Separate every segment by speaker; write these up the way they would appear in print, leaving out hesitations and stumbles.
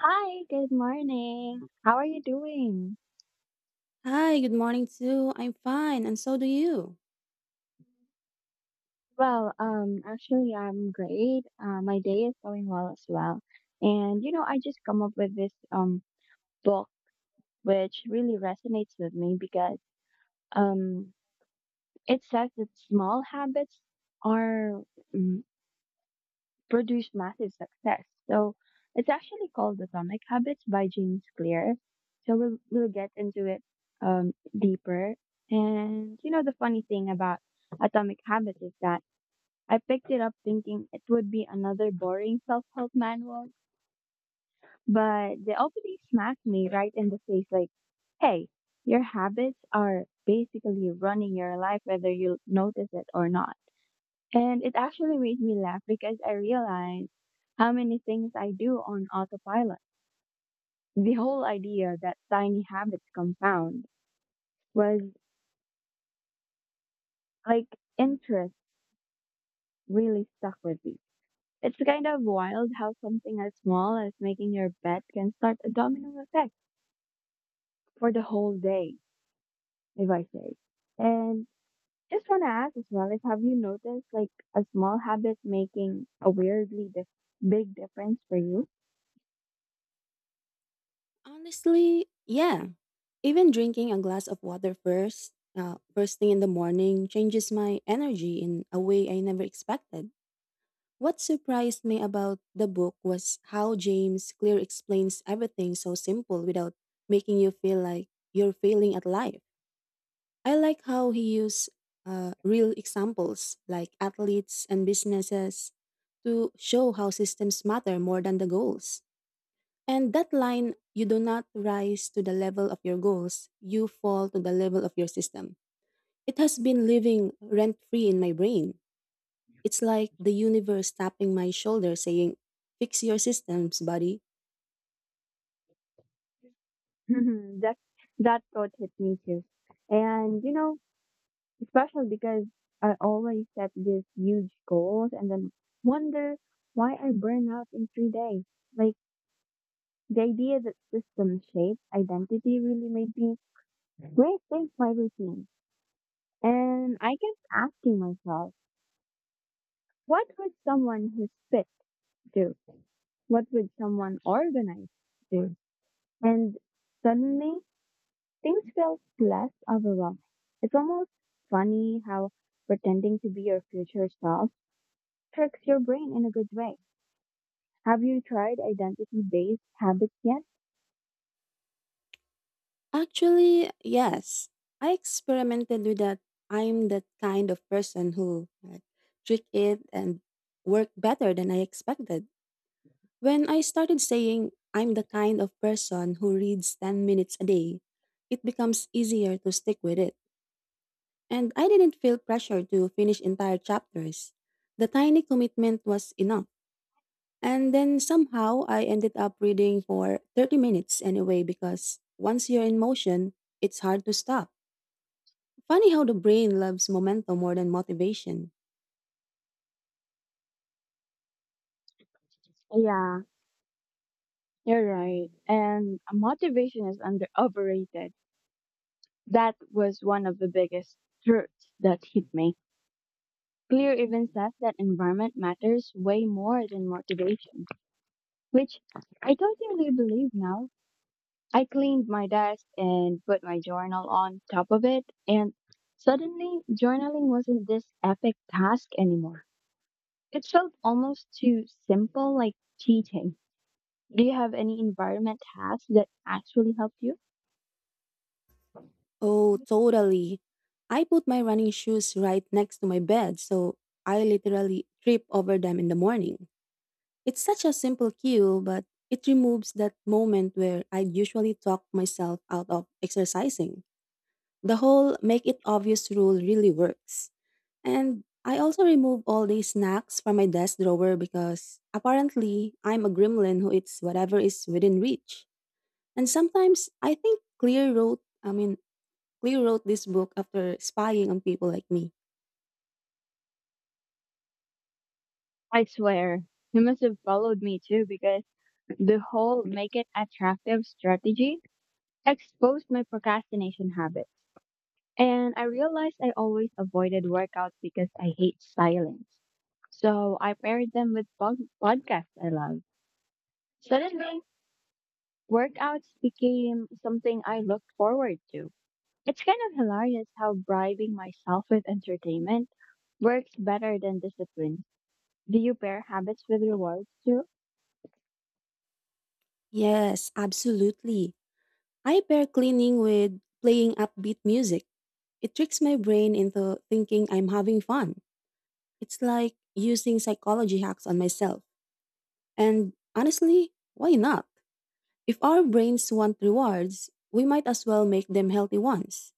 Speaker 1: Hi, good morning. How are you doing?
Speaker 2: Hi, good morning too. I'm fine, and so do you.
Speaker 1: Well, I'm great. My day is going well as well. And, you know, I just come up with this book which really resonates with me because um it says that small habits are produced massive success. So it's actually called Atomic Habits by James Clear. So we'll get into it um deeper. And you know, the funny thing about Atomic Habits is that I picked it up thinking it would be another boring self-help manual, but the opening smacked me right in the face like, "Hey, your habits are basically running your life whether you notice it or not." And it actually made me laugh because I realized how many things I do on autopilot. The whole idea that tiny habits compound was like interest really stuck with me. It's kind of wild how something as small as making your bed can start a domino effect for the whole day, if I say. And just want to ask as well, is have you noticed like a small habit making a weirdly big difference for you?
Speaker 2: Honestly, yeah. Even drinking a glass of water first thing in the morning, changes my energy in a way I never expected. What surprised me about the book was how James Clear explains everything so simple without making you feel like you're failing at life. I like how he used real examples like athletes and businesses to show how systems matter more than the goals. And that line, you do not rise to the level of your goals, you fall to the level of your system. It has been living rent free in my brain. It's like the universe tapping my shoulder saying, "Fix your systems, buddy."
Speaker 1: Mhm, that thought hit me too. And you know, especially because I always set these huge goals and then wonder why I burn out in 3 days. Like, the idea that system shapes identity really made me rethink my routine. And I kept asking myself, what would someone who spit do? What would someone organized do? And suddenly things feel less overwhelming. It's almost funny how pretending to be your future self tricks your brain in a good way. Have you tried identity based habits yet?
Speaker 2: Actually, yes. I experimented with that. I'm that kind of person who like, trick it and work better than I expected. When I started saying I'm the kind of person who reads 10 minutes a day, it becomes easier to stick with it, and I didn't feel pressure to finish entire chapters. The tiny commitment was enough. And then somehow I ended up reading for 30 minutes anyway because once you're in motion, it's hard to stop. Funny how the brain loves momentum more than motivation.
Speaker 1: Yeah, you're right. And motivation is under overrated. That was one of the biggest truths that hit me. Clear even says that environment matters way more than motivation, which I totally believe now. I cleaned my desk and put my journal on top of it, and suddenly journaling wasn't this epic task anymore. It felt almost too simple, like cheating. Do you have any environment hacks that actually help you?
Speaker 2: Oh, totally. I put my running shoes right next to my bed, so I literally trip over them in the morning. It's such a simple cue, but it removes that moment where I usually talk myself out of exercising. The whole make it obvious rule really works. And I also remove all these snacks from my desk drawer because apparently I'm a gremlin who eats whatever is within reach. And sometimes I think clear road, I mean, Lee wrote this book after spying on people like me.
Speaker 1: I swear, he must have followed me too because the whole make it attractive strategy exposed my procrastination habits. And I realized I always avoided workouts because I hate silence. So I paired them with podcasts I love. Suddenly, workouts became something I looked forward to. It's kind of hilarious how bribing myself with entertainment works better than discipline. Do you pair habits with rewards too?
Speaker 2: Yes, absolutely. I pair cleaning with playing upbeat music. It tricks my brain into thinking I'm having fun. It's like using psychology hacks on myself. And honestly, why not? If our brains want rewards, we might as well make them healthy ones.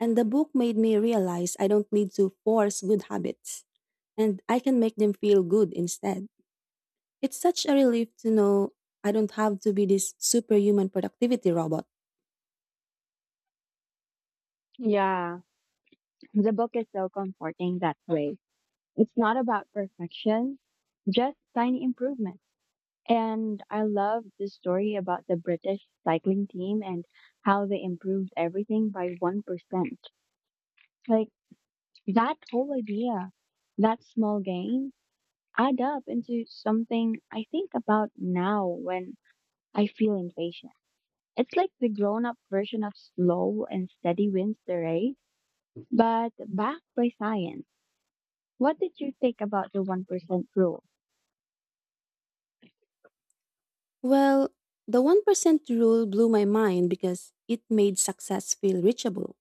Speaker 2: And the book made me realize I don't need to force good habits, and I can make them feel good instead. It's such a relief to know I don't have to be this superhuman productivity robot.
Speaker 1: Yeah, the book is so comforting that way. It's not about perfection, just tiny improvements. And I love the story about the British cycling team and how they improved everything by 1%. Like, that whole idea, that small gains add up into something I think about now when I feel impatient. It's like the grown up version of slow and steady wins the race, but backed by science. What did you think about the 1% rule?
Speaker 2: Well, the 1% rule blew my mind because it made success feel reachable.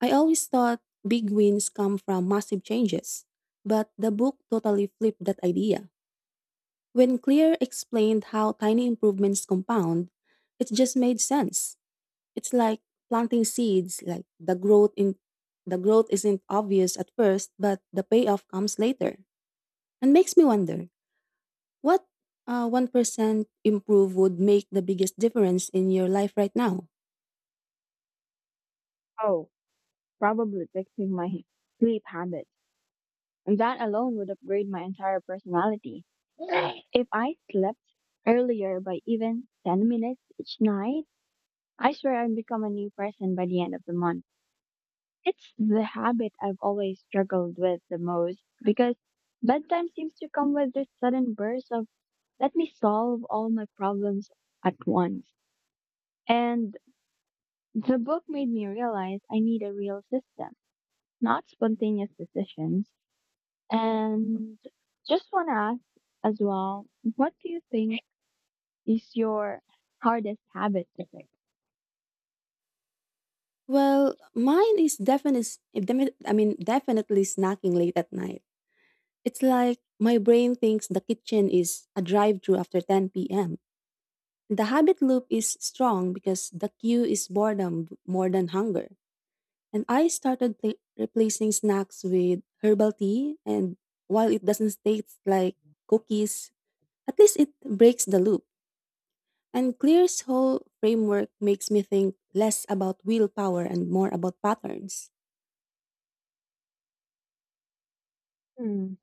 Speaker 2: I always thought big wins come from massive changes, but the book totally flipped that idea. When Clear explained how tiny improvements compound, it just made sense. It's like planting seeds, like the growth isn't obvious at first, but the payoff comes later and makes me wonder. What 1% improve would make the biggest difference in your life right now?
Speaker 1: Oh, probably fixing my sleep habit, and that alone would upgrade my entire personality. If I slept earlier by even 10 minutes each night, I swear I'd become a new person by the end of the month. It's the habit I've always struggled with the most because bedtime seems to come with this sudden burst of let me solve all my problems at once. And the book made me realize I need a real system, not spontaneous decisions. And just want to ask as well, what do you think is your hardest habit to fix?
Speaker 2: Well, mine is definitely snacking late at night. It's like my brain thinks the kitchen is a drive through after 10 p.m. The habit loop is strong because the cue is boredom more than hunger. And I started replacing snacks with herbal tea. And while it doesn't taste like cookies, at least it breaks the loop. And Clear's whole framework makes me think less about willpower and more about patterns.
Speaker 1: Hmm,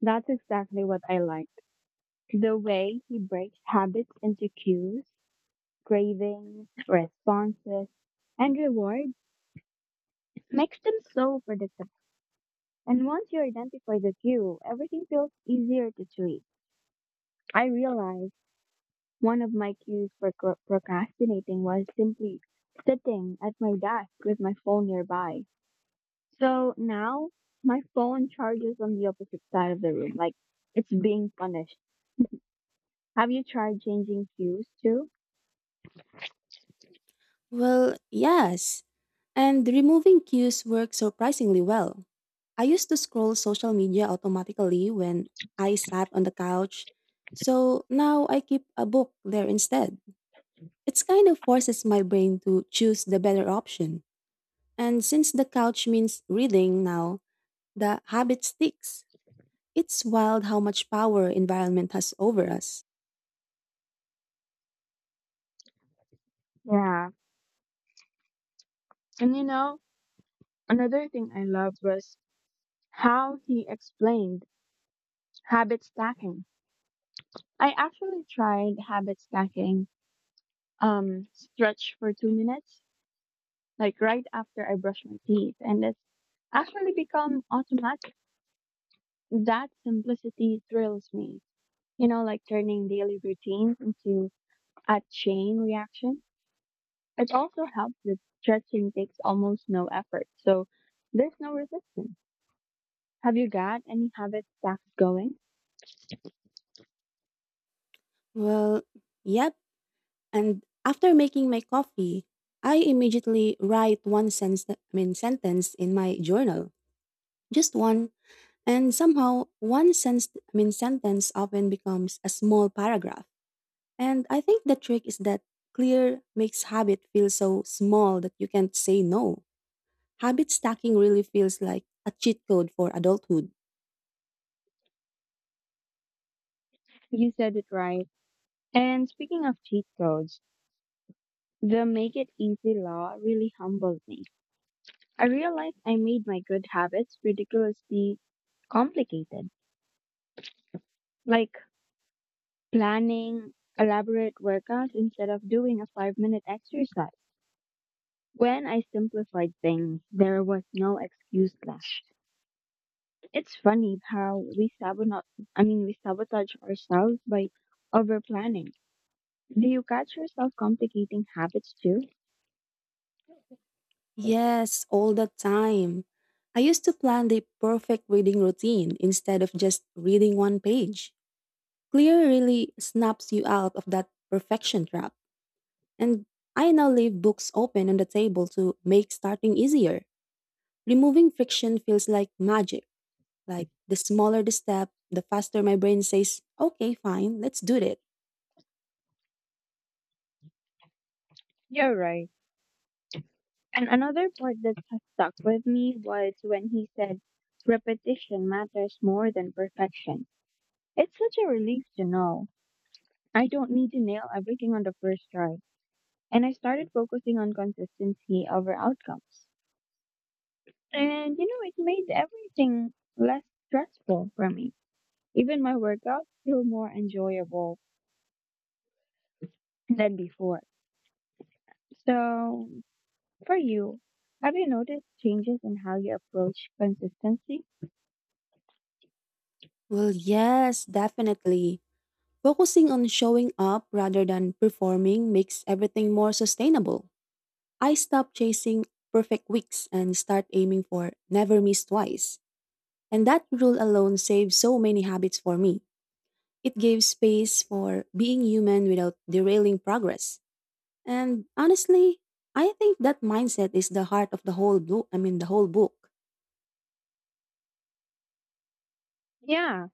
Speaker 1: that's exactly what I liked. The way he breaks habits into cues, cravings, responses, and rewards makes them so predictable. And once you identify the cue, everything feels easier to tweak. I realized one of my cues for procrastinating was simply sitting at my desk with my phone nearby. So now my phone charges on the opposite side of the room, like it's being punished. Have you tried changing views too?
Speaker 2: Well, yes. And removing cues works surprisingly well. I used to scroll social media automatically when I sat on the couch, so now I keep a book there instead. It's kind of forces my brain to choose the better option. And since the couch means reading now, the habit sticks. It's wild how much power environment has over us.
Speaker 1: Yeah. And you know, another thing I loved was how he explained habit stacking. I actually tried habit stacking, stretch for 2 minutes, like right after I brush my teeth, and it's actually become automatic. That simplicity thrills me. You know, like turning daily routines into a chain reaction. It also helps that stretching takes almost no effort, so there's no resistance. Have you got any habit stacks going?
Speaker 2: Well, yep. And after making my coffee, I immediately write one sentence, I mean, sentence in my journal. Just one. And somehow, one sentence, I mean, sentence often becomes a small paragraph. And I think the trick is that clear makes habit feel so small that you can't say no. Habit stacking really feels like a cheat code for adulthood.
Speaker 1: You said it right. And speaking of cheat codes, the make it easy law really humbled me. I realized I made my good habits ridiculously complicated, like planning elaborate workouts instead of doing a 5 minute exercise. When I simplified things, there was no excuse left. It's funny how we sabotage ourselves by over planning. Do you catch yourself complicating habits too?
Speaker 2: Yes, all the time. I used to plan the perfect reading routine instead of just reading one page. Clear really snaps you out of that perfection trap. And I now leave books open on the table to make starting easier. Removing friction feels like magic. Like the smaller the step, the faster my brain says, okay, fine, let's do it.
Speaker 1: You're right. And another part that has stuck with me was when he said repetition matters more than perfection. It's such a relief to know I don't need to nail everything on the first try. And I started focusing on consistency over outcomes. And you know, it made everything less stressful for me. Even my workouts feel more enjoyable than before. So, for you, have you noticed changes in how you approach consistency?
Speaker 2: Well, yes, definitely. Focusing on showing up rather than performing makes everything more sustainable. I stopped chasing perfect weeks and start aiming for never miss twice. And that rule alone saved so many habits for me. It gave space for being human without derailing progress. And honestly, I think that mindset is the heart of the whole book.
Speaker 1: Yeah,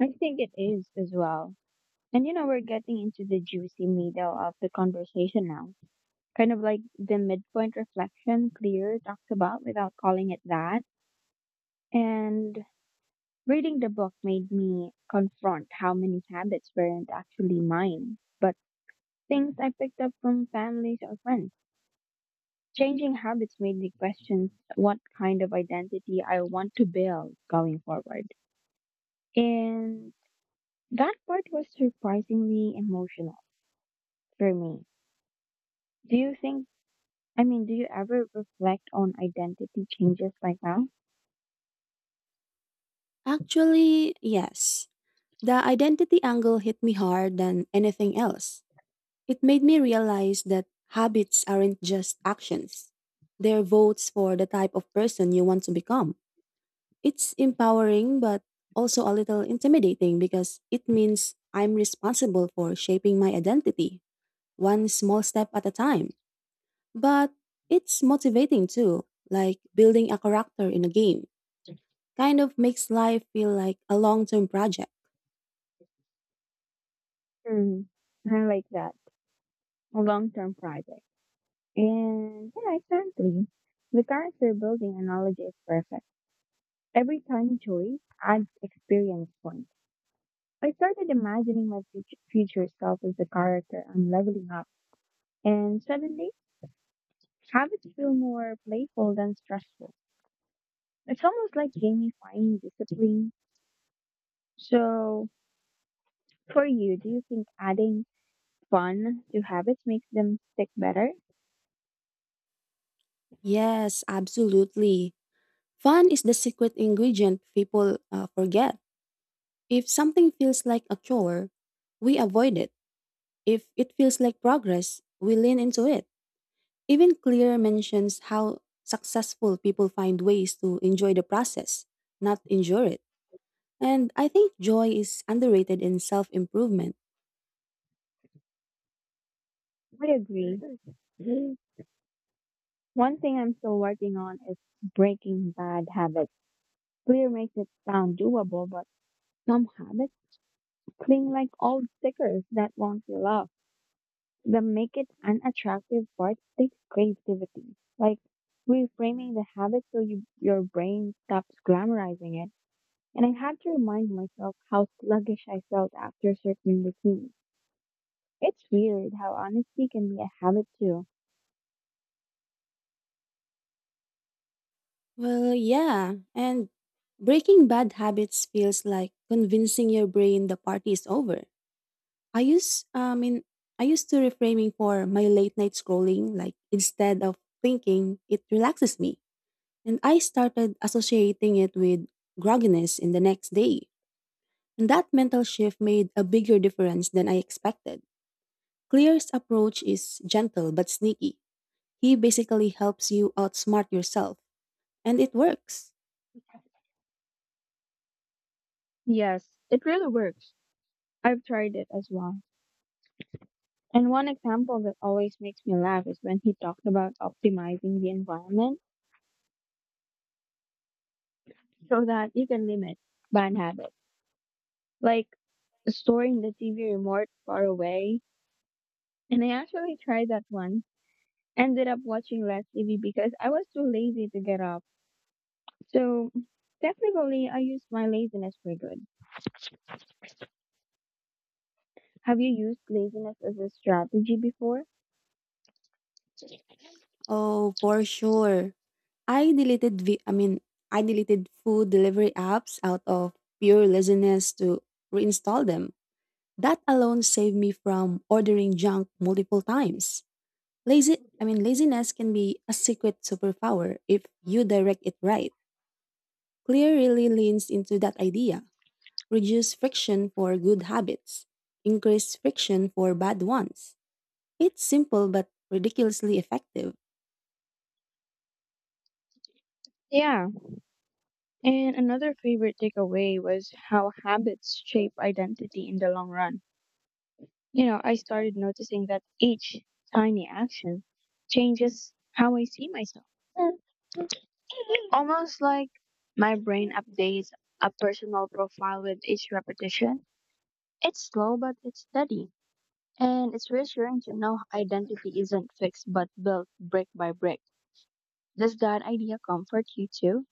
Speaker 1: I think it is as well. And you know, we're getting into the juicy middle of the conversation now. Kind of like the midpoint reflection Clear talks about without calling it that. And reading the book made me confront how many habits weren't actually mine, but things I picked up from families or friends. Changing habits made me question what kind of identity I want to build going forward. And that part was surprisingly emotional for me. Do you think, I mean, Do you ever reflect on identity changes like that?
Speaker 2: Actually, yes. The identity angle hit me hard than anything else. It made me realize that habits aren't just actions. They're votes for the type of person you want to become. It's empowering, but also a little intimidating because it means I'm responsible for shaping my identity, one small step at a time. But it's motivating too, like building a character in a game. Kind of makes life feel like a long term project.
Speaker 1: Hmm. I like that. A long term project. And yeah, exactly. The character building analogy is perfect. Every tiny choice adds experience points. I started imagining my future self as a character I'm leveling up, and suddenly habits feel more playful than stressful. It's almost like gamifying discipline. So, for you, do you think adding fun to habits makes them stick better?
Speaker 2: Yes, absolutely. Fun is the secret ingredient people forget. If something feels like a chore, we avoid it. If it feels like progress, we lean into it. Even Clear mentions how successful people find ways to enjoy the process, not endure it. And I think joy is underrated in self improvement.
Speaker 1: I agree. One thing I'm still working on is breaking bad habits. Clear makes it sound doable, but some habits cling like old stickers that won't peel off. The make it unattractive part takes creativity. Like reframing the habit so you, your brain stops glamorizing it. And I had to remind myself how sluggish I felt after certain routines. It's weird how honesty can be a habit too.
Speaker 2: Well, yeah. And breaking bad habits feels like convincing your brain the party is over. I use, I mean, I used to reframing for my late night scrolling, like instead of thinking it relaxes me. And I started associating it with grogginess in the next day. And that mental shift made a bigger difference than I expected. Clear's approach is gentle but sneaky. He basically helps you outsmart yourself, and it works.
Speaker 1: Yes, it really works. I've tried it as well. And one example that always makes me laugh is when he talked about optimizing the environment so that you can limit bad habits, like storing the TV remote far away. And I actually tried that once. Ended up watching less TV because I was too lazy to get up. So technically, I used my laziness for good. Have you used laziness as a strategy before?
Speaker 2: Oh, for sure. I deleted vi- I mean, I deleted food delivery apps out of pure laziness to reinstall them. That alone saved me from ordering junk multiple times. Laziness can be a secret superpower if you direct it right. Clear really leans into that idea. Reduce friction for good habits, increase friction for bad ones. It's simple but ridiculously effective.
Speaker 1: Yeah. And another favorite takeaway was how habits shape identity in the long run. You know, I started noticing that each tiny action changes how I see myself. Almost like my brain updates a personal profile with each repetition. It's slow, but it's steady. And it's reassuring to know identity isn't fixed but built brick by brick. Does that idea comfort you too?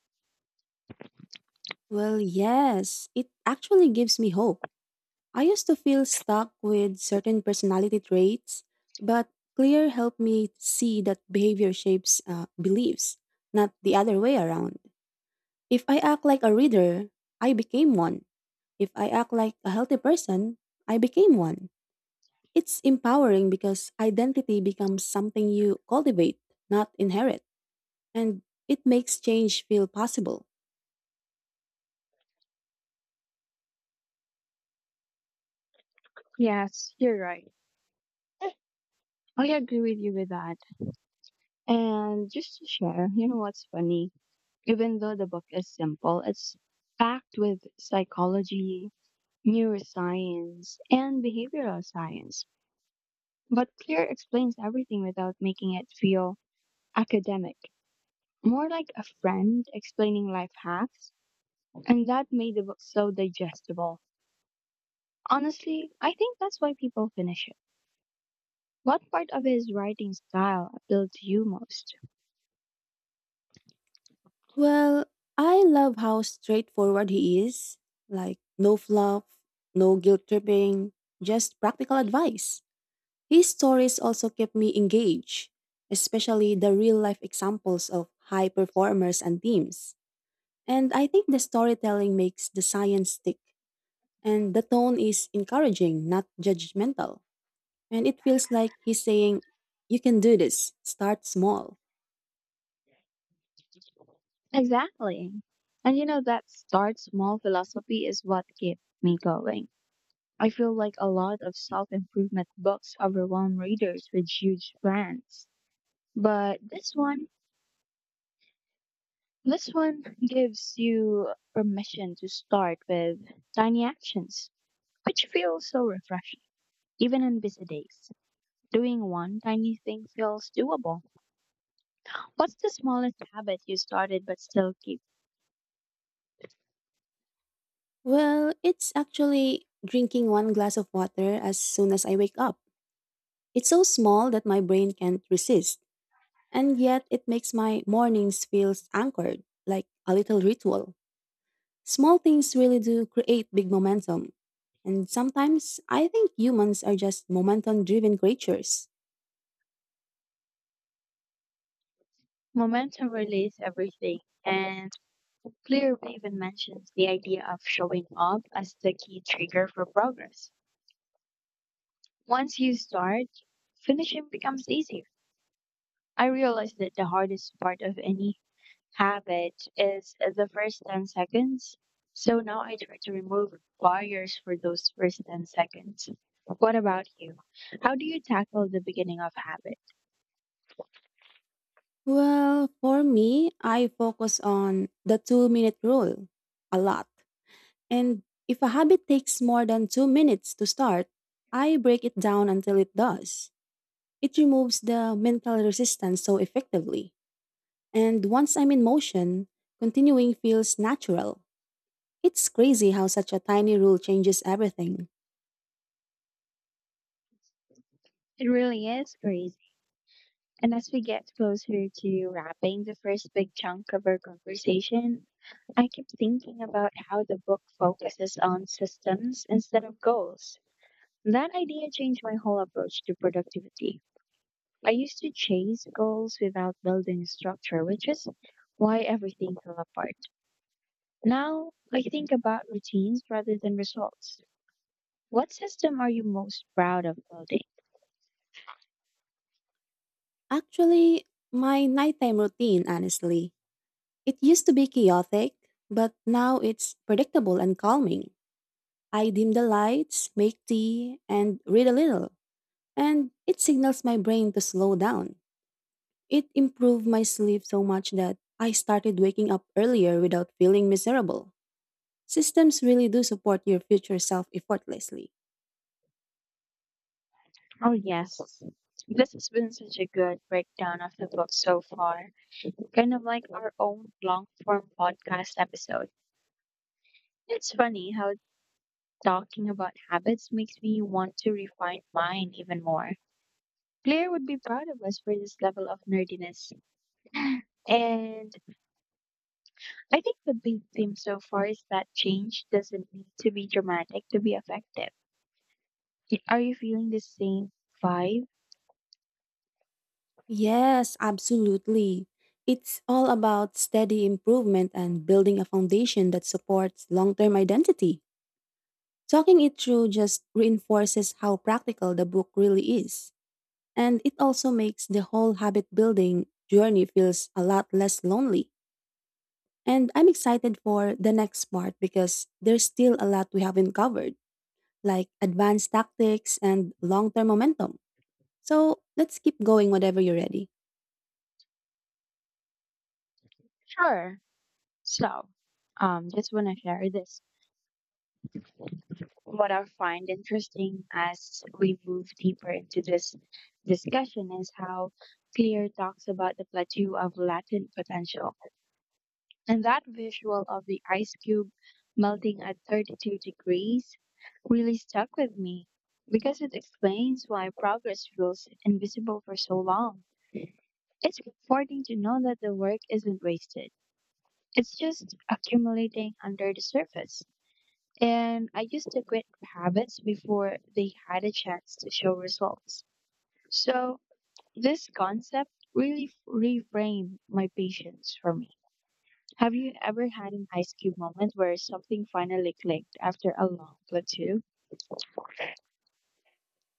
Speaker 2: Well, yes, it actually gives me hope. I used to feel stuck with certain personality traits, but Clear helped me see that behavior shapes beliefs, not the other way around. If I act like a reader, I became one. If I act like a healthy person, I became one. It's empowering because identity becomes something you cultivate, not inherit, and it makes change feel possible.
Speaker 1: Yes, you're right. I agree with you with that. And just to share, you know what's funny? Even though the book is simple, it's packed with psychology, neuroscience, and behavioral science. But Clear explains everything without making it feel academic, more like a friend explaining life hacks. And that made the book so digestible. Honestly, I think that's why people finish it. What part of his writing style appealed to you most?
Speaker 2: Well, I love how straightforward he is like, no fluff, no guilt tripping, just practical advice. His stories also keep me engaged, especially the real life examples of high performers and teams. And I think the storytelling makes the science stick, and the tone is encouraging, not judgmental. And it feels like he's saying, "You can do this, start small."
Speaker 1: Exactly. And you know, that start small philosophy is what kept me going. I feel like a lot of self improvement books overwhelm readers with huge plans. But this one gives you permission to start with tiny actions, which feels so refreshing, even on busy days. Doing one tiny thing feels doable. What's the smallest habit you started but still keep?
Speaker 2: Well, it's actually drinking one glass of water as soon as I wake up. It's so small that my brain can't resist, and yet it makes my mornings feel anchored, like a little ritual. Small things really do create big momentum. And sometimes I think humans are just momentum driven creatures.
Speaker 1: Momentum relays everything, and Clear even mentions the idea of showing up as the key trigger for progress. Once you start, finishing becomes easier. I realized that the hardest part of any habit is the first 10 seconds. So now I try to remove barriers for those first 10 seconds. What about you? How do you tackle the beginning of habit?
Speaker 2: Well, for me, I focus on the 2 minute rule a lot. And if a habit takes more than 2 minutes to start, I break it down until it does. It removes the mental resistance so effectively. And once I'm in motion, continuing feels natural. It's crazy how such a tiny rule changes everything.
Speaker 1: It really is crazy. And as we get closer to wrapping the first big chunk of our conversation, I keep thinking about how the book focuses on systems instead of goals. That idea changed my whole approach to productivity. I used to chase goals without building structure, which is why everything fell apart. Now I think about routines rather than results. What system are you most proud of building?
Speaker 2: Actually, my nighttime routine, honestly, it used to be chaotic, but now it's predictable and calming. I dim the lights, make tea, and read a little, and it signals my brain to slow down. It improved my sleep so much that I started waking up earlier without feeling miserable. Systems really do support your future self effortlessly.
Speaker 1: Oh, yes. This has been such a good breakdown of the book so far, kind of like our own long form podcast episode. It's funny how talking about habits makes me want to refine mine even more. Claire would be proud of us for this level of nerdiness. And I think the big theme so far is that change doesn't need to be dramatic to be effective. Are you feeling the same vibe?
Speaker 2: Yes, absolutely. It's all about steady improvement and building a foundation that supports long term identity. Talking it through just reinforces how practical the book really is. And it also makes the whole habit building journey feels a lot less lonely. And I'm excited for the next part because there's still a lot we haven't covered, like advanced tactics and long term momentum. So let's keep going whenever you're ready.
Speaker 1: Sure. So, just want to share this. What I find interesting as we move deeper into this discussion is how Clear talks about the plateau of latent potential. And that visual of the ice cube melting at 32 degrees really stuck with me because it explains why progress feels invisible for so long. It's comforting to know that the work isn't wasted, it's just accumulating under the surface. And I used to quit habits before they had a chance to show results. So, this concept really reframed my patience for me. Have you ever had an ice cube moment where something finally clicked after a long plateau?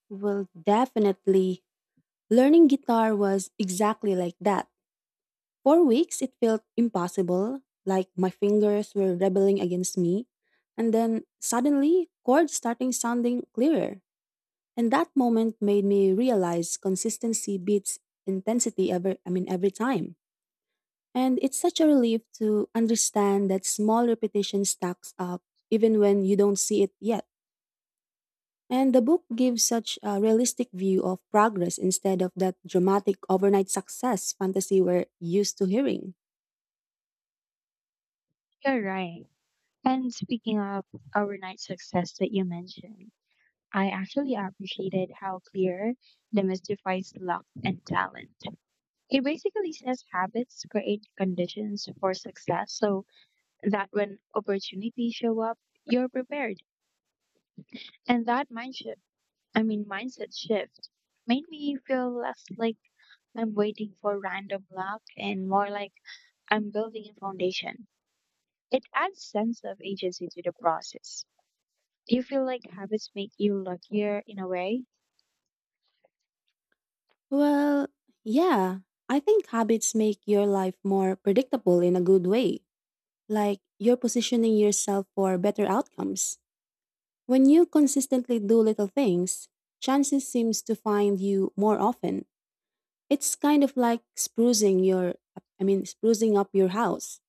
Speaker 2: Well, definitely. Learning guitar was exactly like that. For weeks, it felt impossible, like my fingers were rebelling against me. And then suddenly, chords starting sounding clearer. And that moment made me realize consistency beats intensity ever, I mean, every time. And it's such a relief to understand that small repetition stacks up even when you don't see it yet. And the book gives such a realistic view of progress instead of that dramatic overnight success fantasy we're used to hearing.
Speaker 1: You're right. And speaking of overnight success that you mentioned, I actually appreciated how clear demystifies luck and talent. It basically says habits create conditions for success so that when opportunities show up, you're prepared. And that mindset shift made me feel less like I'm waiting for random luck and more like I'm building a foundation. It adds sense of agency to the process. Do you feel like habits make you luckier in a way?
Speaker 2: Well, yeah, I think habits make your life more predictable in a good way. Like you're positioning yourself for better outcomes. When you consistently do little things, chances seems to find you more often. It's kind of like sprucing up your house.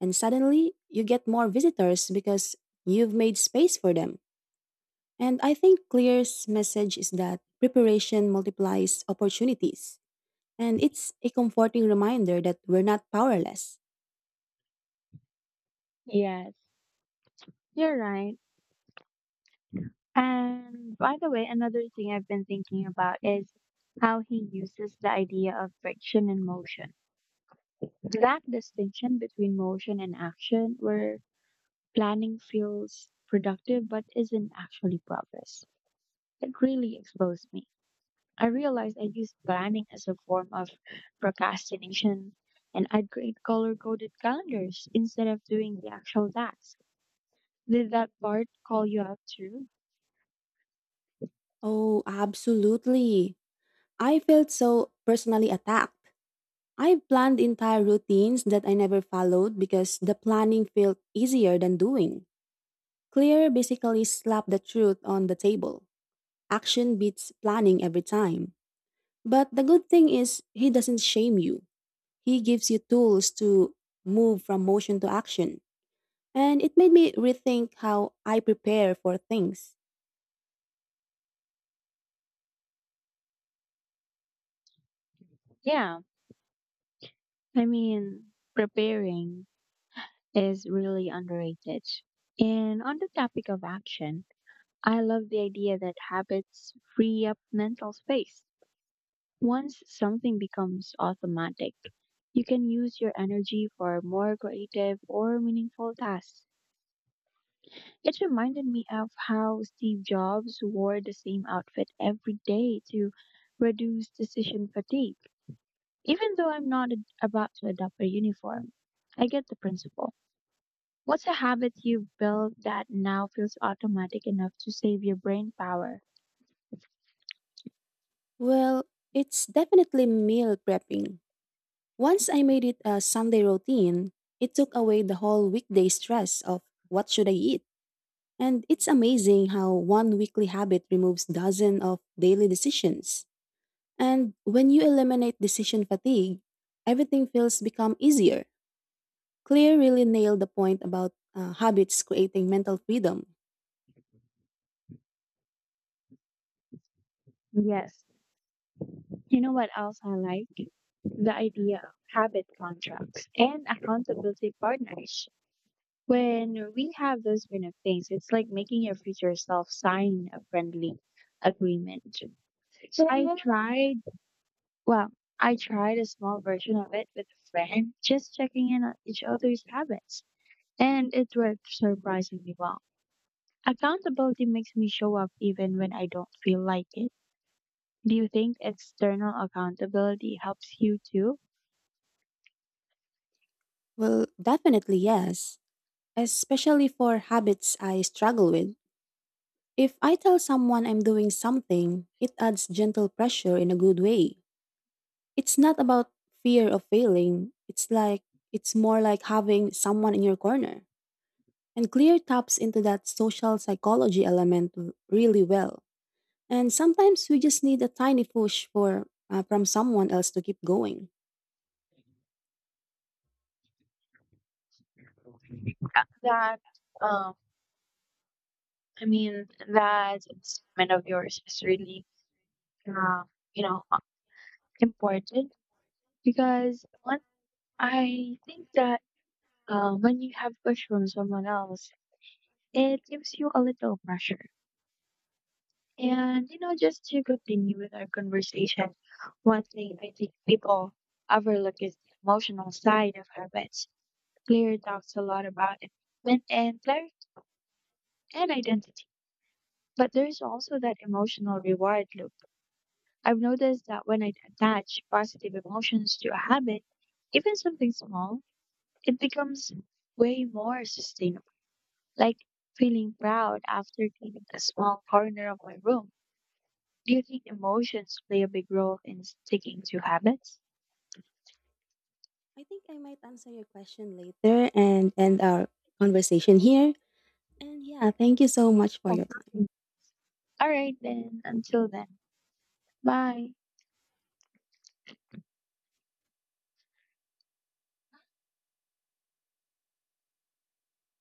Speaker 2: And suddenly you get more visitors because you've made space for them. And I think Clear's message is that preparation multiplies opportunities. And it's a comforting reminder that we're not powerless.
Speaker 1: Yes, you're right. And by the way, another thing I've been thinking about is how he uses the idea of friction and motion. That distinction between motion and action, where planning feels productive but isn't actually progress. It really exposed me. I realized I used planning as a form of procrastination, and I'd create color coded calendars instead of doing the actual task. Did that part call you out too?
Speaker 2: Oh, absolutely. I felt so personally attacked. I've planned entire routines that I never followed because the planning felt easier than doing. Clear basically slapped the truth on the table. Action beats planning every time. But the good thing is, he doesn't shame you. He gives you tools to move from motion to action. And it made me rethink how I prepare for things.
Speaker 1: Yeah, I mean, preparing is really underrated. And on the topic of action, I love the idea that habits free up mental space. Once something becomes automatic, you can use your energy for more creative or meaningful tasks. It reminded me of how Steve Jobs wore the same outfit every day to reduce decision fatigue. Even though I'm not ad- about to adopt a uniform, I get the principle. What's a habit you've built that now feels automatic enough to save your brain power?
Speaker 2: Well, it's definitely meal prepping. Once I made it a Sunday routine, it took away the whole weekday stress of what should I eat. And it's amazing how one weekly habit removes dozens of daily decisions. And when you eliminate decision fatigue, everything feels become easier. Claire really nailed the point about habits creating mental freedom.
Speaker 1: Yes. You know what else I like? The idea of habit contracts and accountability partners. When we have those kind of things, it's like making your future self sign a friendly agreement. So I tried, well, I tried a small version of it with a friend, just checking in on each other's habits, and it worked surprisingly well. Accountability makes me show up even when I don't feel like it. Do you think external accountability helps you too?
Speaker 2: Well, definitely yes, especially for habits I struggle with. If I tell someone I'm doing something, it adds gentle pressure in a good way. It's not about fear of failing. It's like it's more like having someone in your corner. And Clear taps into that social psychology element really well. And sometimes we just need a tiny push for from someone else to keep going.
Speaker 1: That, um, I mean, that statement of yours is really, uh, you know, important because I think that when you have push from someone else, it gives you a little pressure. And you know, just to continue with our conversation, one thing I think people overlook is the emotional side of habits. Claire talks a lot about it, and clarity and identity. But there's also that emotional reward loop. I've noticed that when I attach positive emotions to a habit, even something small, it becomes way more sustainable. Like feeling proud after cleaning a small corner of my room. Do you think emotions play a big role in sticking to habits?
Speaker 2: I think I might answer your question later and end our conversation here. And yeah, thank you so much for
Speaker 1: Oh,
Speaker 2: your time.
Speaker 1: okay. All right, then. Until then. Bye.